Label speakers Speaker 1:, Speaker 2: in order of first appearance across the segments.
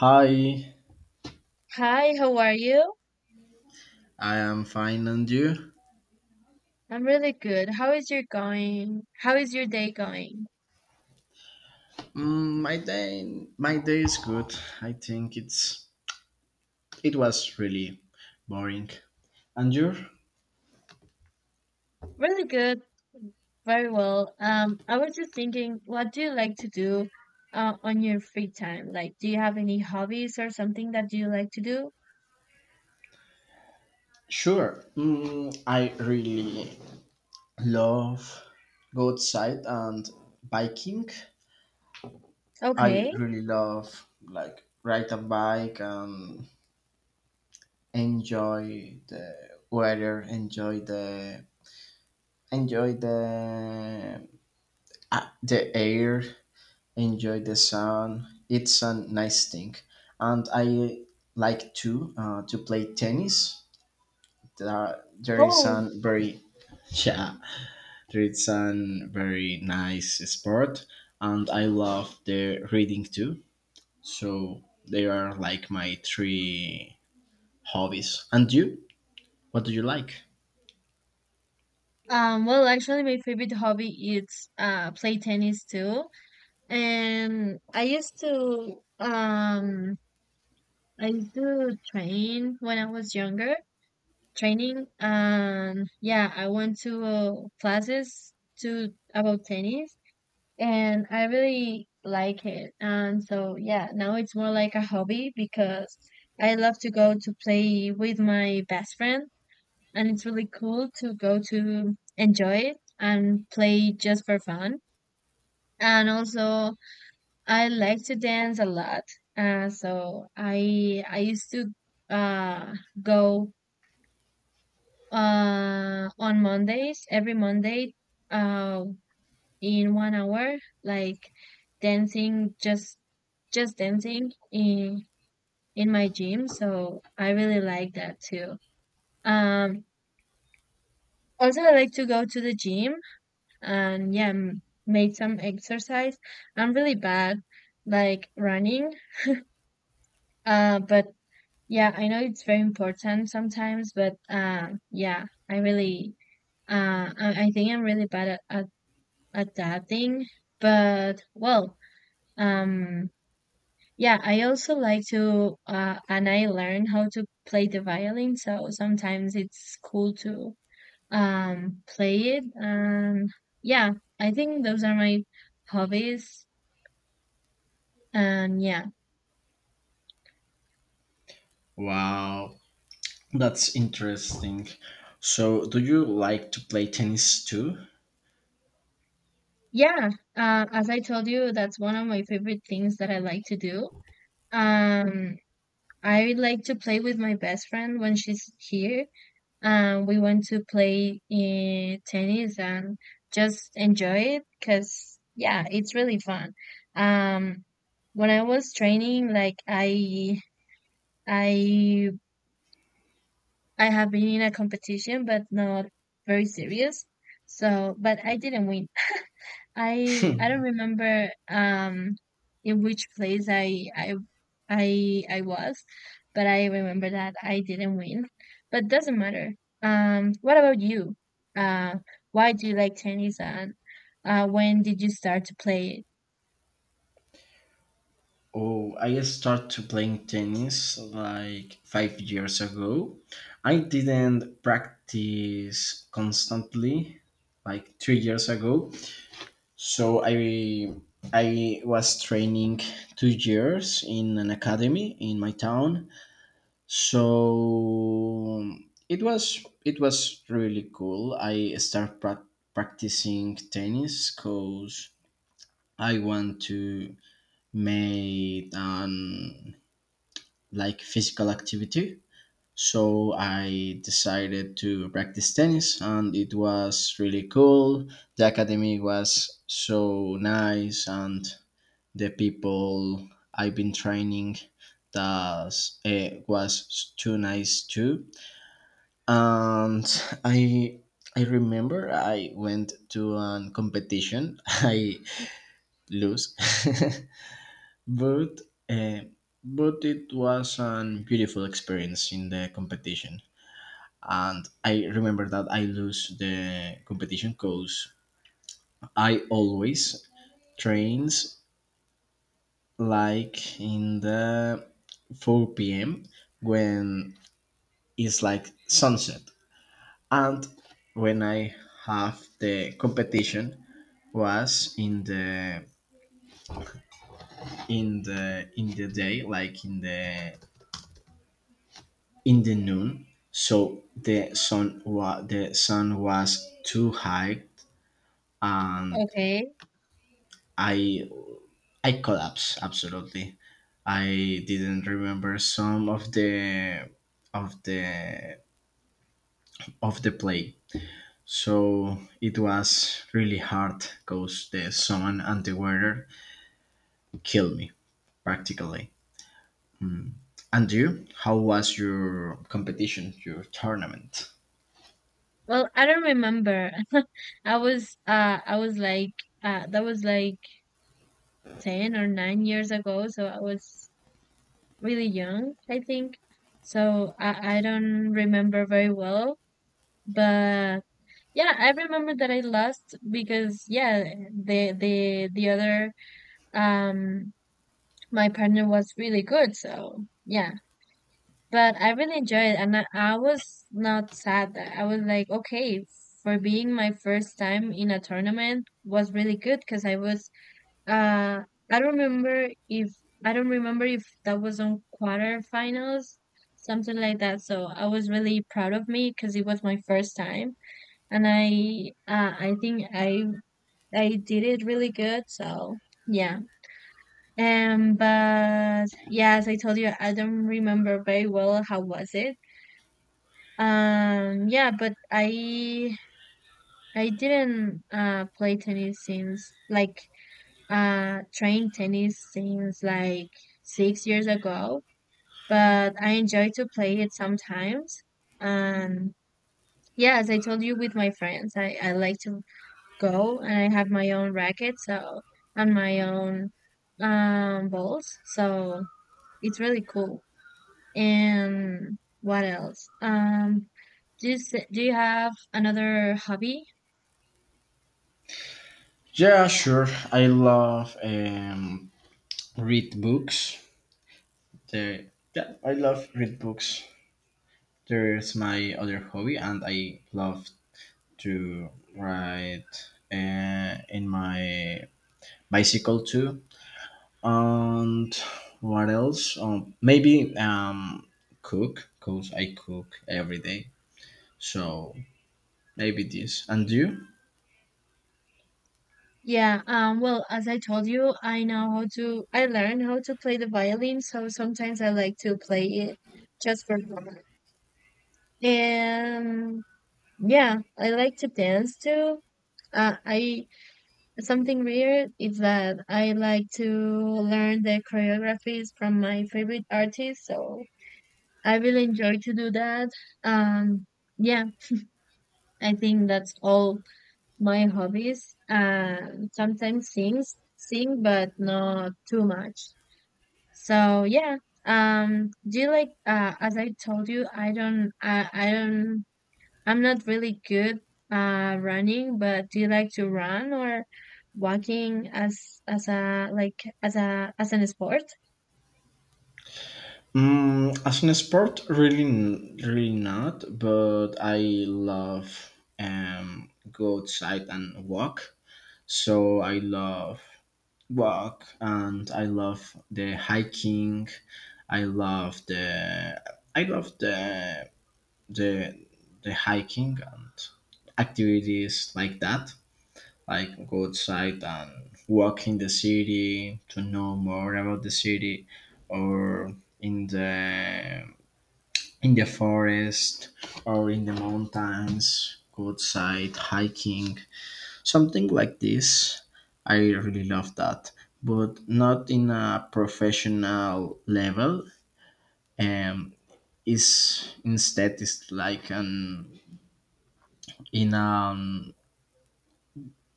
Speaker 1: Hi,
Speaker 2: Hi, how are you?
Speaker 1: I am fine, and you?
Speaker 2: I'm really good. How is your going? How is your day going?
Speaker 1: Mm, my day is good. I think it was really boring. And you?
Speaker 2: Really good, very well. I was just thinking, what do you like to do on your free time? Like, do you have any hobbies or something that you like to do?
Speaker 1: Sure. Mm, I really love go outside and biking. I
Speaker 2: Okay.
Speaker 1: really love like ride a bike and enjoy the weather, enjoy the air, enjoy the sun. It's a nice thing, and I like to play tennis. There is
Speaker 2: Oh.
Speaker 1: a very yeah, there is a very nice sport, and I love the reading too. So they are like my three hobbies. And you, what do you like?
Speaker 2: Well, actually, my favorite hobby is play tennis too. And I used to train when I was younger training and yeah, I went to classes to about tennis and I really like it, and so yeah, now it's more like a hobby because I love to go to play with my best friend, and it's really cool to go to enjoy it and play just for fun. And also I like to dance a lot. So I used to uh go on Mondays, every Monday, uh in 1 hour, like dancing, just dancing in my gym. So I really like that too. Um Also I like to go to the gym, and yeah, make some exercise. I'm really bad like running. But yeah, I know it's very important sometimes, but yeah, I really I think I'm really bad at adapting. But um, yeah, I also like to, and I learned how to play the violin. So sometimes it's cool to play it. And yeah, I think those are my hobbies. And yeah,
Speaker 1: Wow, that's interesting. So, do you like to play tennis too?
Speaker 2: yeah. As I told you, that's one of my favorite things that I like to do. Um, I like to play with my best friend when she's here, and we went to play tennis and just enjoy it because yeah, it's really fun. um when I was training, i I have been in a competition, but not very serious. So but I didn't win. I don't remember in which place I was, but I remember that I didn't win. But doesn't matter. What about you? Uh, why do you like tennis, and when did you start to play it?
Speaker 1: Oh, I started playing tennis like 5 years ago. I didn't practice constantly like 3 years ago. So I was training 2 years in an academy in my town. So it was really cool. I started practicing tennis because I want to make an like physical activity. So I decided to practice tennis and it was really cool. The academy was so nice and the people I've been training that was too nice too. And I I remember I went to a competition. I lose. But uh, but it was a beautiful experience in the competition. And I remember that I lose the competition because I always trains like in the 4 p.m. when it's like sunset. And when I have the competition was in the day like in the noon. So the sun was too high, and
Speaker 2: Okay.
Speaker 1: I I collapsed absolutely. I didn't remember some of the of the play. So it was really hard because the sun and the weather killed me practically. And you, how was your competition, your tournament?
Speaker 2: Well, I don't remember. I was like that was like 10 or 9 years ago, so I was really young, I think. So I don't remember very well. But yeah, I remember that I lost because yeah, the other um my partner was really good, so yeah. But I really enjoyed it, and I was not sad. I was like, okay, for being my first time in a tournament, was really good because I was uh I don't remember if I don't remember if that was on quarterfinals, something like that. So I was really proud of me because it was my first time, and I think I did it really good. So yeah. But yeah, as I told you, I don't remember very well how was it. Yeah, but I didn't play tennis since like train tennis since like 6 years ago. But I enjoy to play it sometimes. And yeah, as I told you, with my friends, I like to go, and I have my own racket, so, and my own balls. So it's really cool. And what else? Do do you have another hobby?
Speaker 1: Yeah, sure. I love read books. There, yeah, I love read books. There's my other hobby, and I love to ride in my bicycle too. And what else? Maybe cook, cause I cook every day. So maybe this. And you?
Speaker 2: Yeah, well, as I told you, I know how to I learned how to play the violin, so sometimes I like to play it just for fun. And yeah, I like to dance too. I Something weird is that I like to learn the choreographies from my favorite artists, so I really enjoy to do that. Um, yeah, I think that's all my hobbies. Sometimes sing, but not too much. So yeah. Do you like? As I told you, I don't I'm not really good running, but do you like to run or walking as a as an sport?
Speaker 1: Mm, as an sport, really, really not. But I love go outside and walk. So I love walk and I love the hiking. I love the I love the the the hiking and activities like that. Like go outside and walk in the city to know more about the city or in the in the forest or in the mountains, go outside hiking. Something like this. I really love that, but not in a professional level. Um, is instead is like an in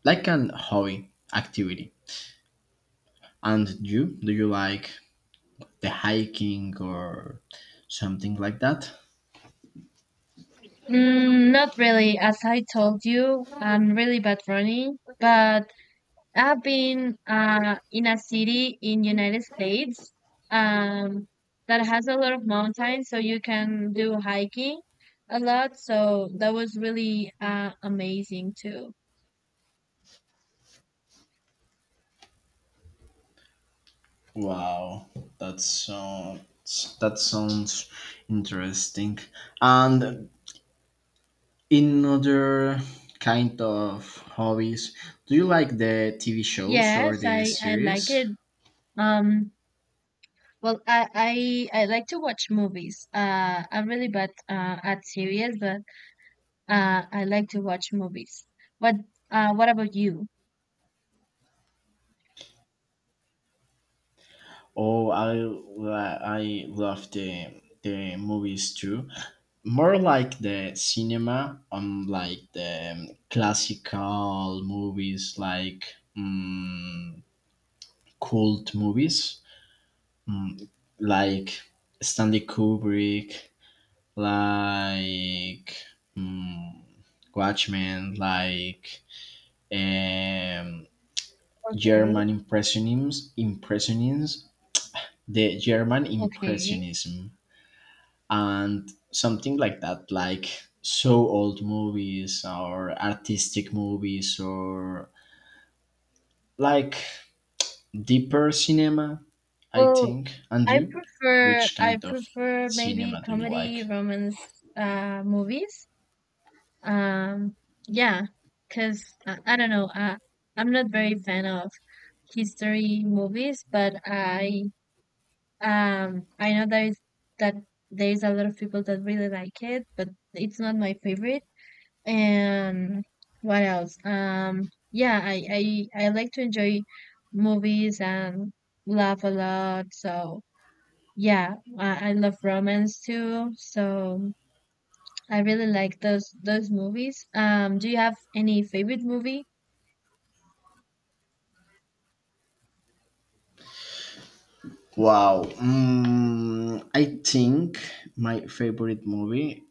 Speaker 1: like an hobby activity. And you, do you like the hiking or something like that?
Speaker 2: Mm, not really. As I told you, I'm really bad running, but I've been in a city in United States um that has a lot of mountains, so you can do hiking a lot. So that was really amazing too.
Speaker 1: Wow, that sounds that sounds interesting. And in other kind of hobbies do you like the TV shows or
Speaker 2: Yes,
Speaker 1: the
Speaker 2: I like
Speaker 1: series.
Speaker 2: it. Um, Well, I like to watch movies. I'm really bad at series, but I like to watch movies. What what about you?
Speaker 1: Oh, I love the movies too, more like the cinema, like the classical movies, like um, cult movies, mm, like Stanley Kubrick, like mm, Watchmen, like um,
Speaker 2: Okay.
Speaker 1: German Impressionism, the German
Speaker 2: Okay.
Speaker 1: Impressionism, and something like that, like so old movies or artistic movies or like deeper cinema, I
Speaker 2: Well,
Speaker 1: think. And
Speaker 2: I
Speaker 1: you,
Speaker 2: prefer
Speaker 1: which
Speaker 2: I
Speaker 1: kind of
Speaker 2: prefer maybe
Speaker 1: cinema do you
Speaker 2: comedy
Speaker 1: like?
Speaker 2: romance movies. Um, yeah, because I don't know. I'm not very fan of history movies, but I know that there is a lot of people that really like it, but it's not my favorite. And what else? Yeah, I like to enjoy movies and laugh a lot. So yeah, I love romance too. So I really like those movies. Do you have any favorite movie?
Speaker 1: Wow. Mm, I think my favorite movie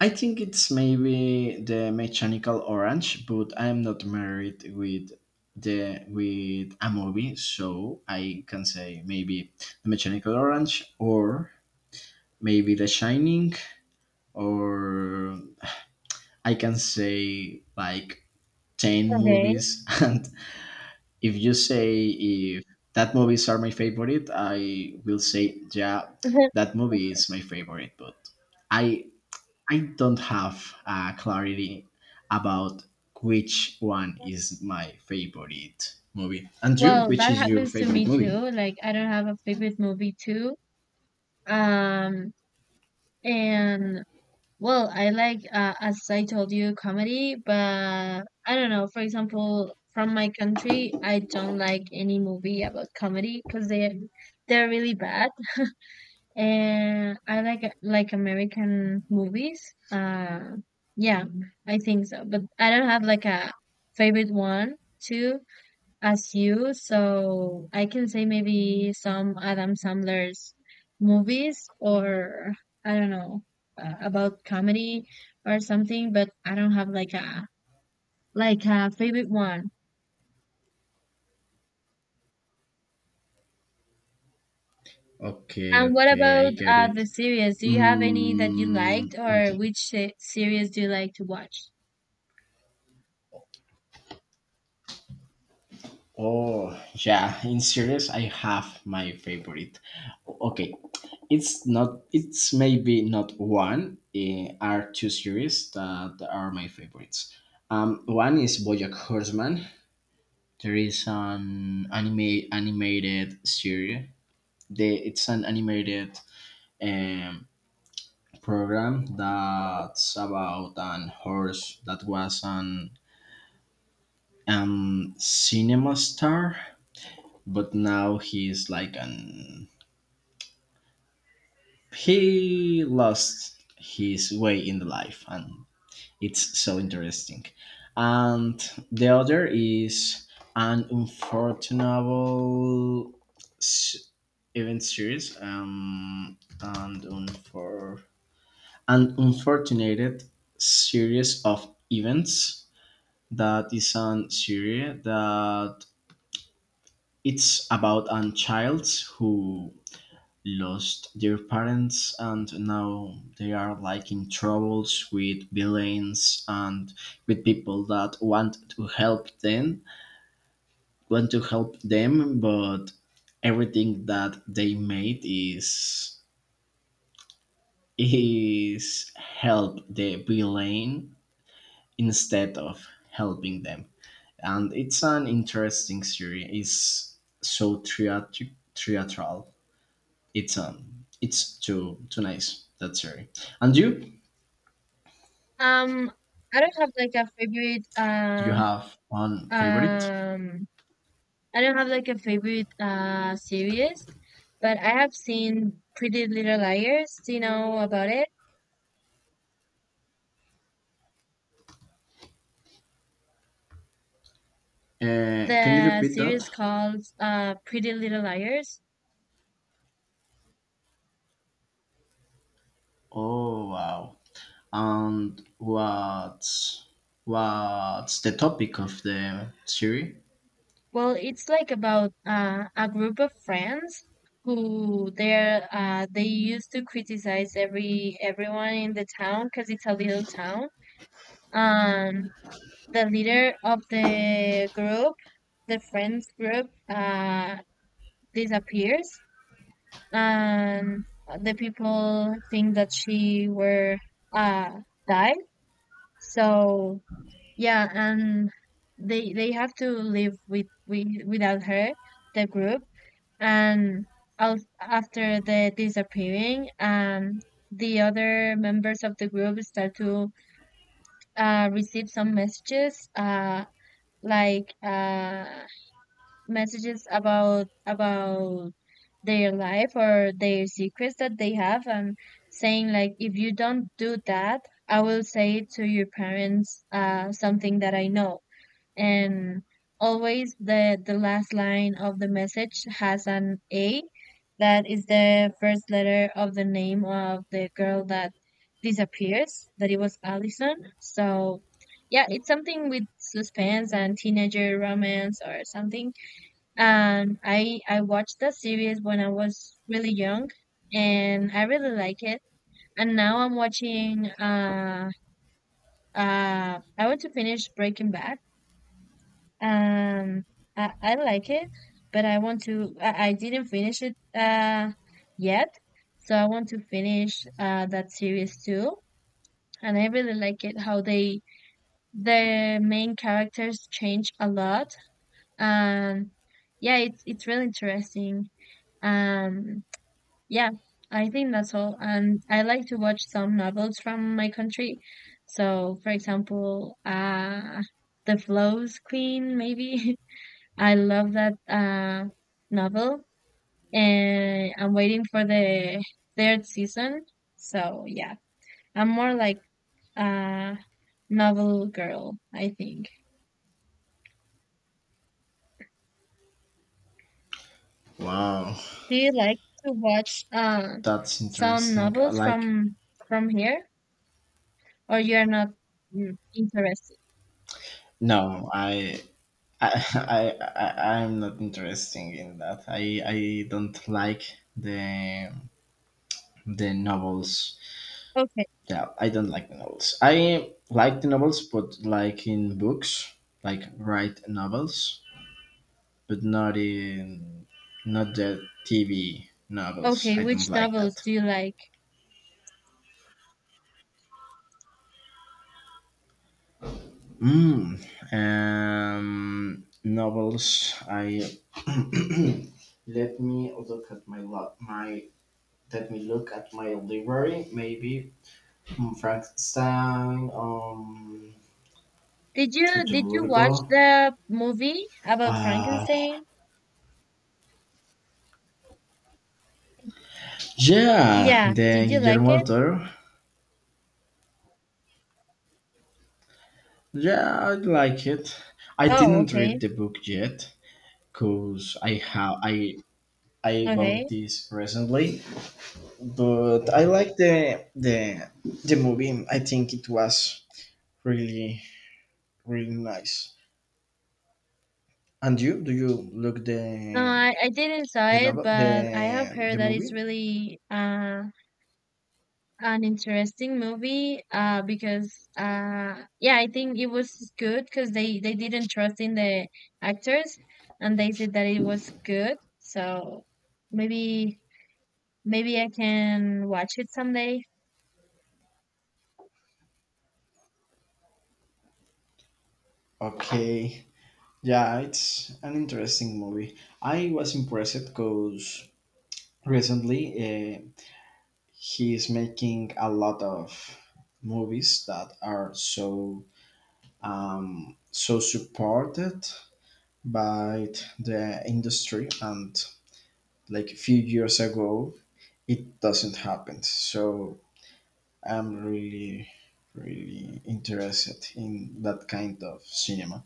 Speaker 1: I think it's maybe the mechanical orange, but I'm not married with a movie, so I can say maybe the mechanical orange or maybe the shining, or I can say like 10
Speaker 2: Okay.
Speaker 1: movies and if you say if that movies are my favorite, I will say yeah, that movie is my favorite, but I I don't have clarity about which one is my favorite movie. Andrew,
Speaker 2: Well,
Speaker 1: which
Speaker 2: that
Speaker 1: is your
Speaker 2: happens to
Speaker 1: favorite
Speaker 2: me
Speaker 1: movie?
Speaker 2: too. Like I don't have a favorite movie too. Um, And Well, I like as I told you, comedy, but I don't know. For example, from my country, I don't like any movie about comedy because they they're really bad. And I like American movies. Uh, yeah, I think so. But I don't have like a favorite one too, as you. So I can say maybe some Adam Sandler's movies, or I don't know, about comedy or something, but I don't have like a favorite one.
Speaker 1: Okay,
Speaker 2: And what
Speaker 1: okay, I
Speaker 2: about
Speaker 1: get
Speaker 2: the
Speaker 1: it.
Speaker 2: series? Do you have any that you
Speaker 1: Mm,
Speaker 2: liked, or which series do you like to watch?
Speaker 1: oh, yeah, in series, I have my favorite. Okay, it's not, it's maybe not one, are two series that are my favorites. One is Bojack Horseman. There is an anime animated series. It's an animated um, program that's about an horse that was an cinema star, but now he's like an he lost his way in the life, and it's so interesting. And the other is an unfortunable s- event series and unfor- an unfortunate series of events, that is an series that it's about a child who lost their parents and now they are like in troubles with villains and with people that want to help them but everything that they made is help the villain instead of helping them, and it's an interesting series. It's so theatral. It's um it's too nice that series. And you?
Speaker 2: Um, I don't have like a favorite
Speaker 1: Do you have one favorite?
Speaker 2: um I don't have like a favorite series, but I have seen Pretty Little Liars. Do you know about it?
Speaker 1: Can you
Speaker 2: The
Speaker 1: repeat
Speaker 2: series
Speaker 1: that?
Speaker 2: called Pretty Little Liars.
Speaker 1: Oh wow! And what's the topic of the series?
Speaker 2: Well, it's like about a group of friends who they're they used to criticize everyone in the town because it's a little town. Um, the leader of the group, the friends group, disappears, and the people think that she were uh died. So yeah, and they have to live with without her, the group, and after the disappearing, the other members of the group start to receive some messages, like uh messages about their life or their secrets that they have, and saying like, if you don't do that, I will say to your parents something that I know. And always the last line of the message has an A, that is the first letter of the name of the girl that disappears, that it was Allison. So yeah, it's something with suspense and teenager romance or something. And I watched the series when I was really young, and I really like it. And now I'm watching. I want to finish Breaking Bad. Um, I like it, but I want to. I didn't finish it yet, so I want to finish that series too. And I really like it how they the main characters change a lot. And yeah, it's really interesting. Um, Yeah, I think that's all. And I like to watch some novels from my country. So, for example, The Flows Queen, maybe. I love that novel, and I'm waiting for the third season. So, yeah, I'm more like a novel girl, I think.
Speaker 1: Wow,
Speaker 2: Do you like to watch
Speaker 1: that's
Speaker 2: some
Speaker 1: interesting.
Speaker 2: novels
Speaker 1: Like
Speaker 2: from here, or you're not interested?
Speaker 1: no, I. I, I'm not interesting in that. I don't like the the novels.
Speaker 2: Okay.
Speaker 1: Yeah, I don't like the novels. I like the novels, but like in books, like write novels. But not in not the TV novels.
Speaker 2: Okay,
Speaker 1: I don't
Speaker 2: which
Speaker 1: like
Speaker 2: novels
Speaker 1: that.
Speaker 2: do you like?
Speaker 1: Mm, novels. I let me look at my lo- my let me look at my library. Maybe Frankenstein. To
Speaker 2: Did you watch
Speaker 1: Durgo.
Speaker 2: the movie about
Speaker 1: Uh,
Speaker 2: Frankenstein?
Speaker 1: yeah,
Speaker 2: Yeah,
Speaker 1: the
Speaker 2: did you like
Speaker 1: Guillermo del
Speaker 2: it?
Speaker 1: Toro. Yeah, I like it. I
Speaker 2: Oh,
Speaker 1: didn't
Speaker 2: okay.
Speaker 1: read the book yet because I have I
Speaker 2: Okay.
Speaker 1: bought this recently, but I like the movie. I think it was really really nice. And you? Do you look
Speaker 2: No,
Speaker 1: the
Speaker 2: I didn't saw
Speaker 1: the
Speaker 2: it,
Speaker 1: novel
Speaker 2: but I have
Speaker 1: the
Speaker 2: heard
Speaker 1: the
Speaker 2: that it's
Speaker 1: movie?
Speaker 2: really an interesting movie because yeah, I think it was good because they didn't trust in the actors, and they said that it was good. So maybe maybe I can watch it someday.
Speaker 1: Okay, yeah, it's an interesting movie. I was impressed because recently he is making a lot of movies that are so so supported but the industry, and like a few years ago it doesn't happen, so I'm really really interested in that kind of cinema.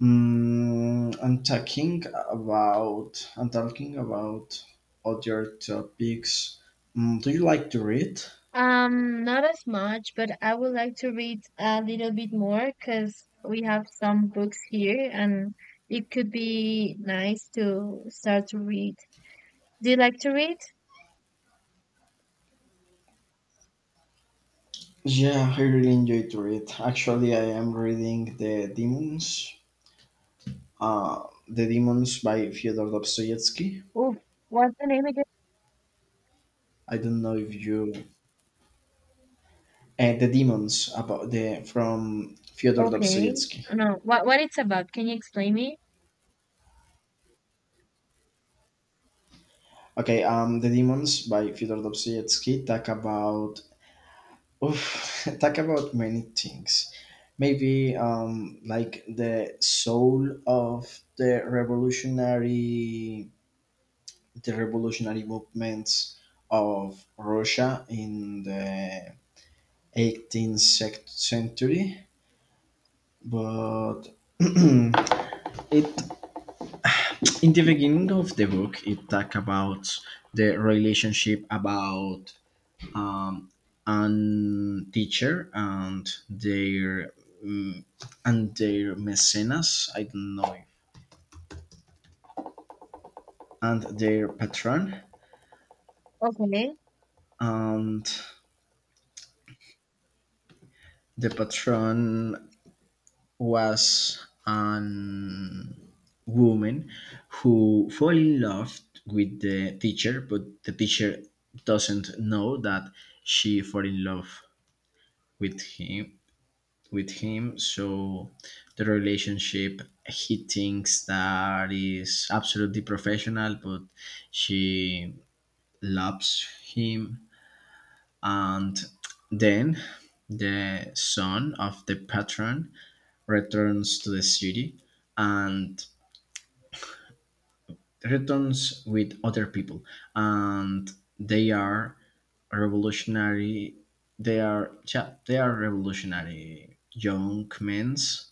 Speaker 1: mm, i'm talking I'm talking about other topics. Do you like to read?
Speaker 2: Not as much, but I would like to read a little bit more because we have some books here, and it could be nice to start to read. Do you like to read?
Speaker 1: Yeah, I really enjoy to read. Actually, I am reading the demons, uh, the demons by Fyodor Dostoevsky.
Speaker 2: Oh, what's the name again?
Speaker 1: I don't know if you the demons about the from Fyodor
Speaker 2: Okay.
Speaker 1: Dostoevsky.
Speaker 2: No, what it's about? Can you explain me?
Speaker 1: Okay, the demons by Fyodor Dostoevsky talk about talk about many things. Maybe like the soul of the revolutionary movements of Russia in the 18th century, but it in the beginning of the book it talk about the relationship about um, an teacher and their mm, and their mecenas, I don't know if, and their patron.
Speaker 2: Okay.
Speaker 1: And the patron was an woman who fell in love with the teacher but the teacher doesn't know that she fell in love with him with him. So the relationship, he thinks that is absolutely professional, but she loves him. And then the son of the patron returns to the city and returns with other people, and they are revolutionary. They are revolutionary young men's,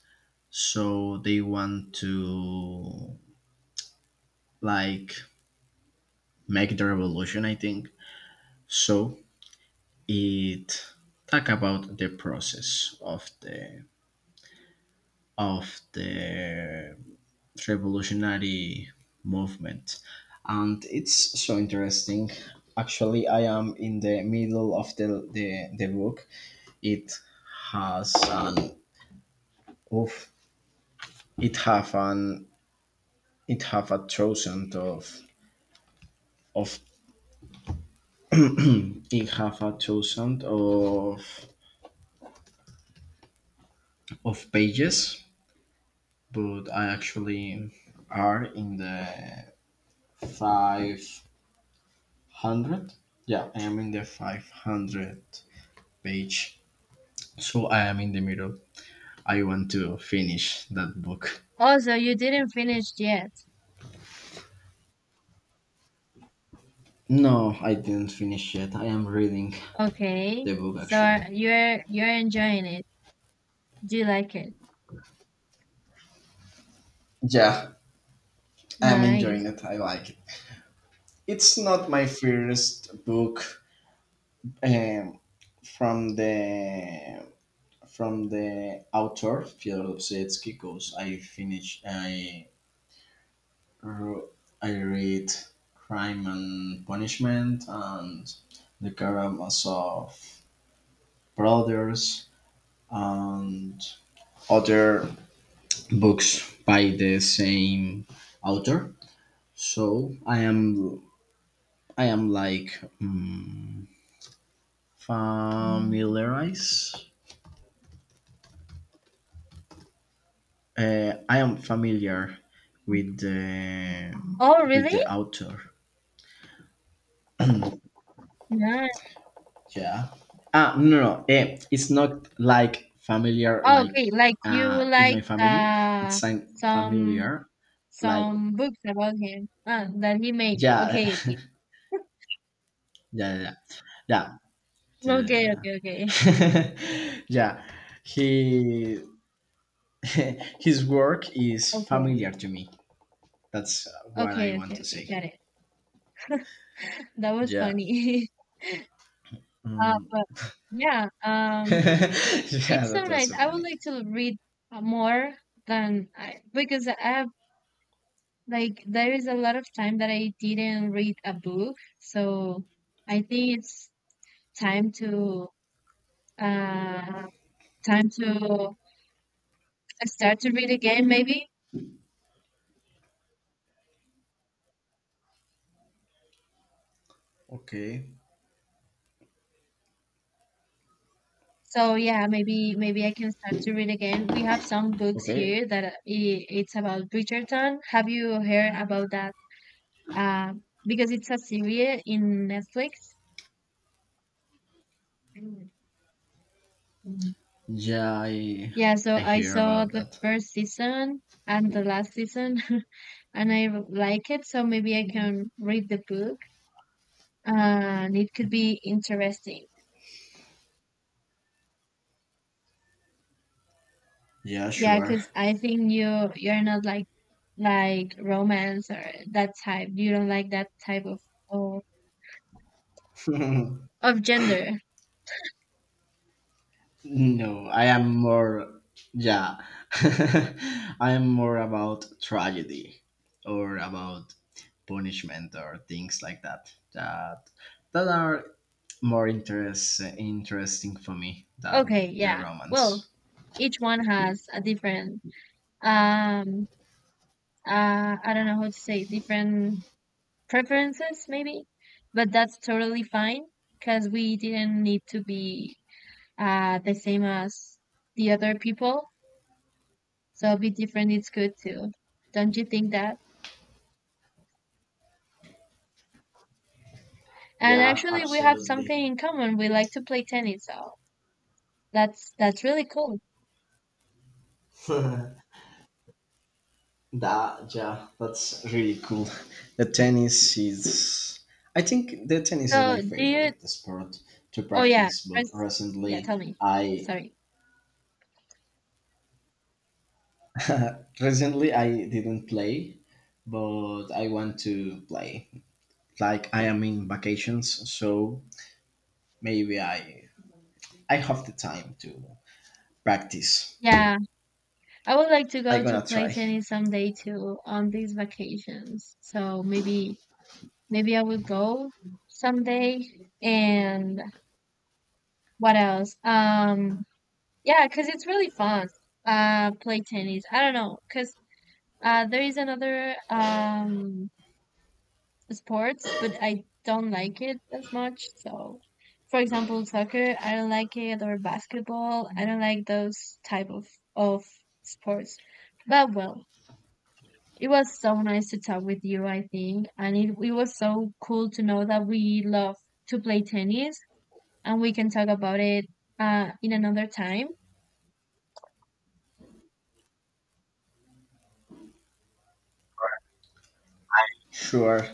Speaker 1: so they want to like make the revolution I think. So it talk about the process of the revolutionary movement, and it's so interesting. Actually, I am in the middle of the book. It has an oof, it have an it have a thousand of It have a thousand of pages, but I actually are in the 500. Yeah, I am in the 500 page. So I am in the middle. I want to finish that book.
Speaker 2: Oh, so you didn't finish yet.
Speaker 1: No, I didn't finish yet. I am reading
Speaker 2: Okay.
Speaker 1: the book
Speaker 2: So
Speaker 1: actually.
Speaker 2: you're enjoying it. Do you like it?
Speaker 1: Yeah, I'm
Speaker 2: Nice.
Speaker 1: enjoying it. I like it. It's not my first book, um, from the from the author Fyodor Dostoevsky, because I finished I ro- I read Crime and Punishment and The Karamazov Brothers and other books by the same author. So I am like familiarize. I am familiar with the
Speaker 2: Oh,
Speaker 1: with
Speaker 2: really?
Speaker 1: the author.
Speaker 2: Nice.
Speaker 1: Yeah. No, no, no. It's not like familiar,
Speaker 2: Oh,
Speaker 1: like
Speaker 2: okay, like you
Speaker 1: in my
Speaker 2: like
Speaker 1: family. It's like
Speaker 2: some
Speaker 1: familiar, like
Speaker 2: some books about him, that he made.
Speaker 1: yeah,
Speaker 2: Okay, okay,
Speaker 1: yeah, yeah, yeah.
Speaker 2: okay,
Speaker 1: Yeah.
Speaker 2: okay, okay,
Speaker 1: Yeah. He his work is
Speaker 2: okay,
Speaker 1: familiar to me. That's what I
Speaker 2: okay,
Speaker 1: want
Speaker 2: okay,
Speaker 1: to
Speaker 2: okay.
Speaker 1: say.
Speaker 2: Got it. That was
Speaker 1: Yeah.
Speaker 2: funny. uh,
Speaker 1: Mm.
Speaker 2: but yeah,
Speaker 1: Yeah,
Speaker 2: it's
Speaker 1: that
Speaker 2: so
Speaker 1: was
Speaker 2: nice.
Speaker 1: so
Speaker 2: I would
Speaker 1: funny.
Speaker 2: like to read more than I because I have like there is a lot of time that I didn't read a book, so I think it's time to uh time to start to read again maybe.
Speaker 1: Okay.
Speaker 2: So yeah, maybe maybe I can start to read again. We have some books
Speaker 1: Okay.
Speaker 2: here that it's about Bridgerton. Have you heard about that? uh, because it's a series in Netflix. Mm. Mhm.
Speaker 1: Yeah, I
Speaker 2: Yeah, so
Speaker 1: I
Speaker 2: I
Speaker 1: hear
Speaker 2: saw
Speaker 1: about
Speaker 2: the
Speaker 1: that.
Speaker 2: first season and the last season. And like it, so maybe I can read the book, and it could be interesting.
Speaker 1: Yeah,
Speaker 2: Yeah,
Speaker 1: sure.
Speaker 2: because I think you're not like like romance or that type. You don't like that type of,
Speaker 1: No,
Speaker 2: of gender.
Speaker 1: I am more, yeah, I am more about tragedy or about punishment or things like that. That are more interesting for me
Speaker 2: Okay,
Speaker 1: than the
Speaker 2: yeah.
Speaker 1: romance.
Speaker 2: Well, each one has a different um I don't know how to say different preferences maybe, but that's totally fine because we didn't need to be the same as the other people. So be different is good too. Don't you think that? And
Speaker 1: Yeah,
Speaker 2: actually we have
Speaker 1: absolutely.
Speaker 2: something in common. We like to play tennis, so that's really cool.
Speaker 1: that yeah, that's really cool. The tennis is. I think the tennis is
Speaker 2: So
Speaker 1: my
Speaker 2: do you,
Speaker 1: favorite sport to
Speaker 2: oh yeah,
Speaker 1: practice, but
Speaker 2: first, yeah,
Speaker 1: recently
Speaker 2: tell me.
Speaker 1: I
Speaker 2: Sorry.
Speaker 1: Recently, I didn't play, but I want to play. Like I am in vacations, so maybe I have the time to practice.
Speaker 2: Yeah, I would like to
Speaker 1: I
Speaker 2: go to
Speaker 1: gonna
Speaker 2: play
Speaker 1: try.
Speaker 2: tennis someday too, on these vacations. So maybe maybe I will go someday. And what else? Yeah, because it's really fun. Play tennis. I don't know, because there is another sports, but I don't like it as much. So, for example, soccer, I don't like it, or basketball, I don't like those type of sports. But well, it was so nice to talk with you, I think, and it was so cool to know that we love to play tennis, and we can talk about it in another time.
Speaker 1: Sure,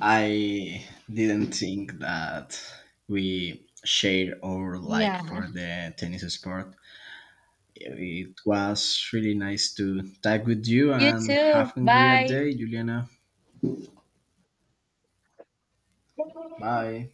Speaker 1: I didn't think that we shared our like
Speaker 2: Yeah.
Speaker 1: for the tennis sport. It was really nice to talk with you,
Speaker 2: You
Speaker 1: and
Speaker 2: too.
Speaker 1: have a great
Speaker 2: Bye.
Speaker 1: day, Juliana. Bye.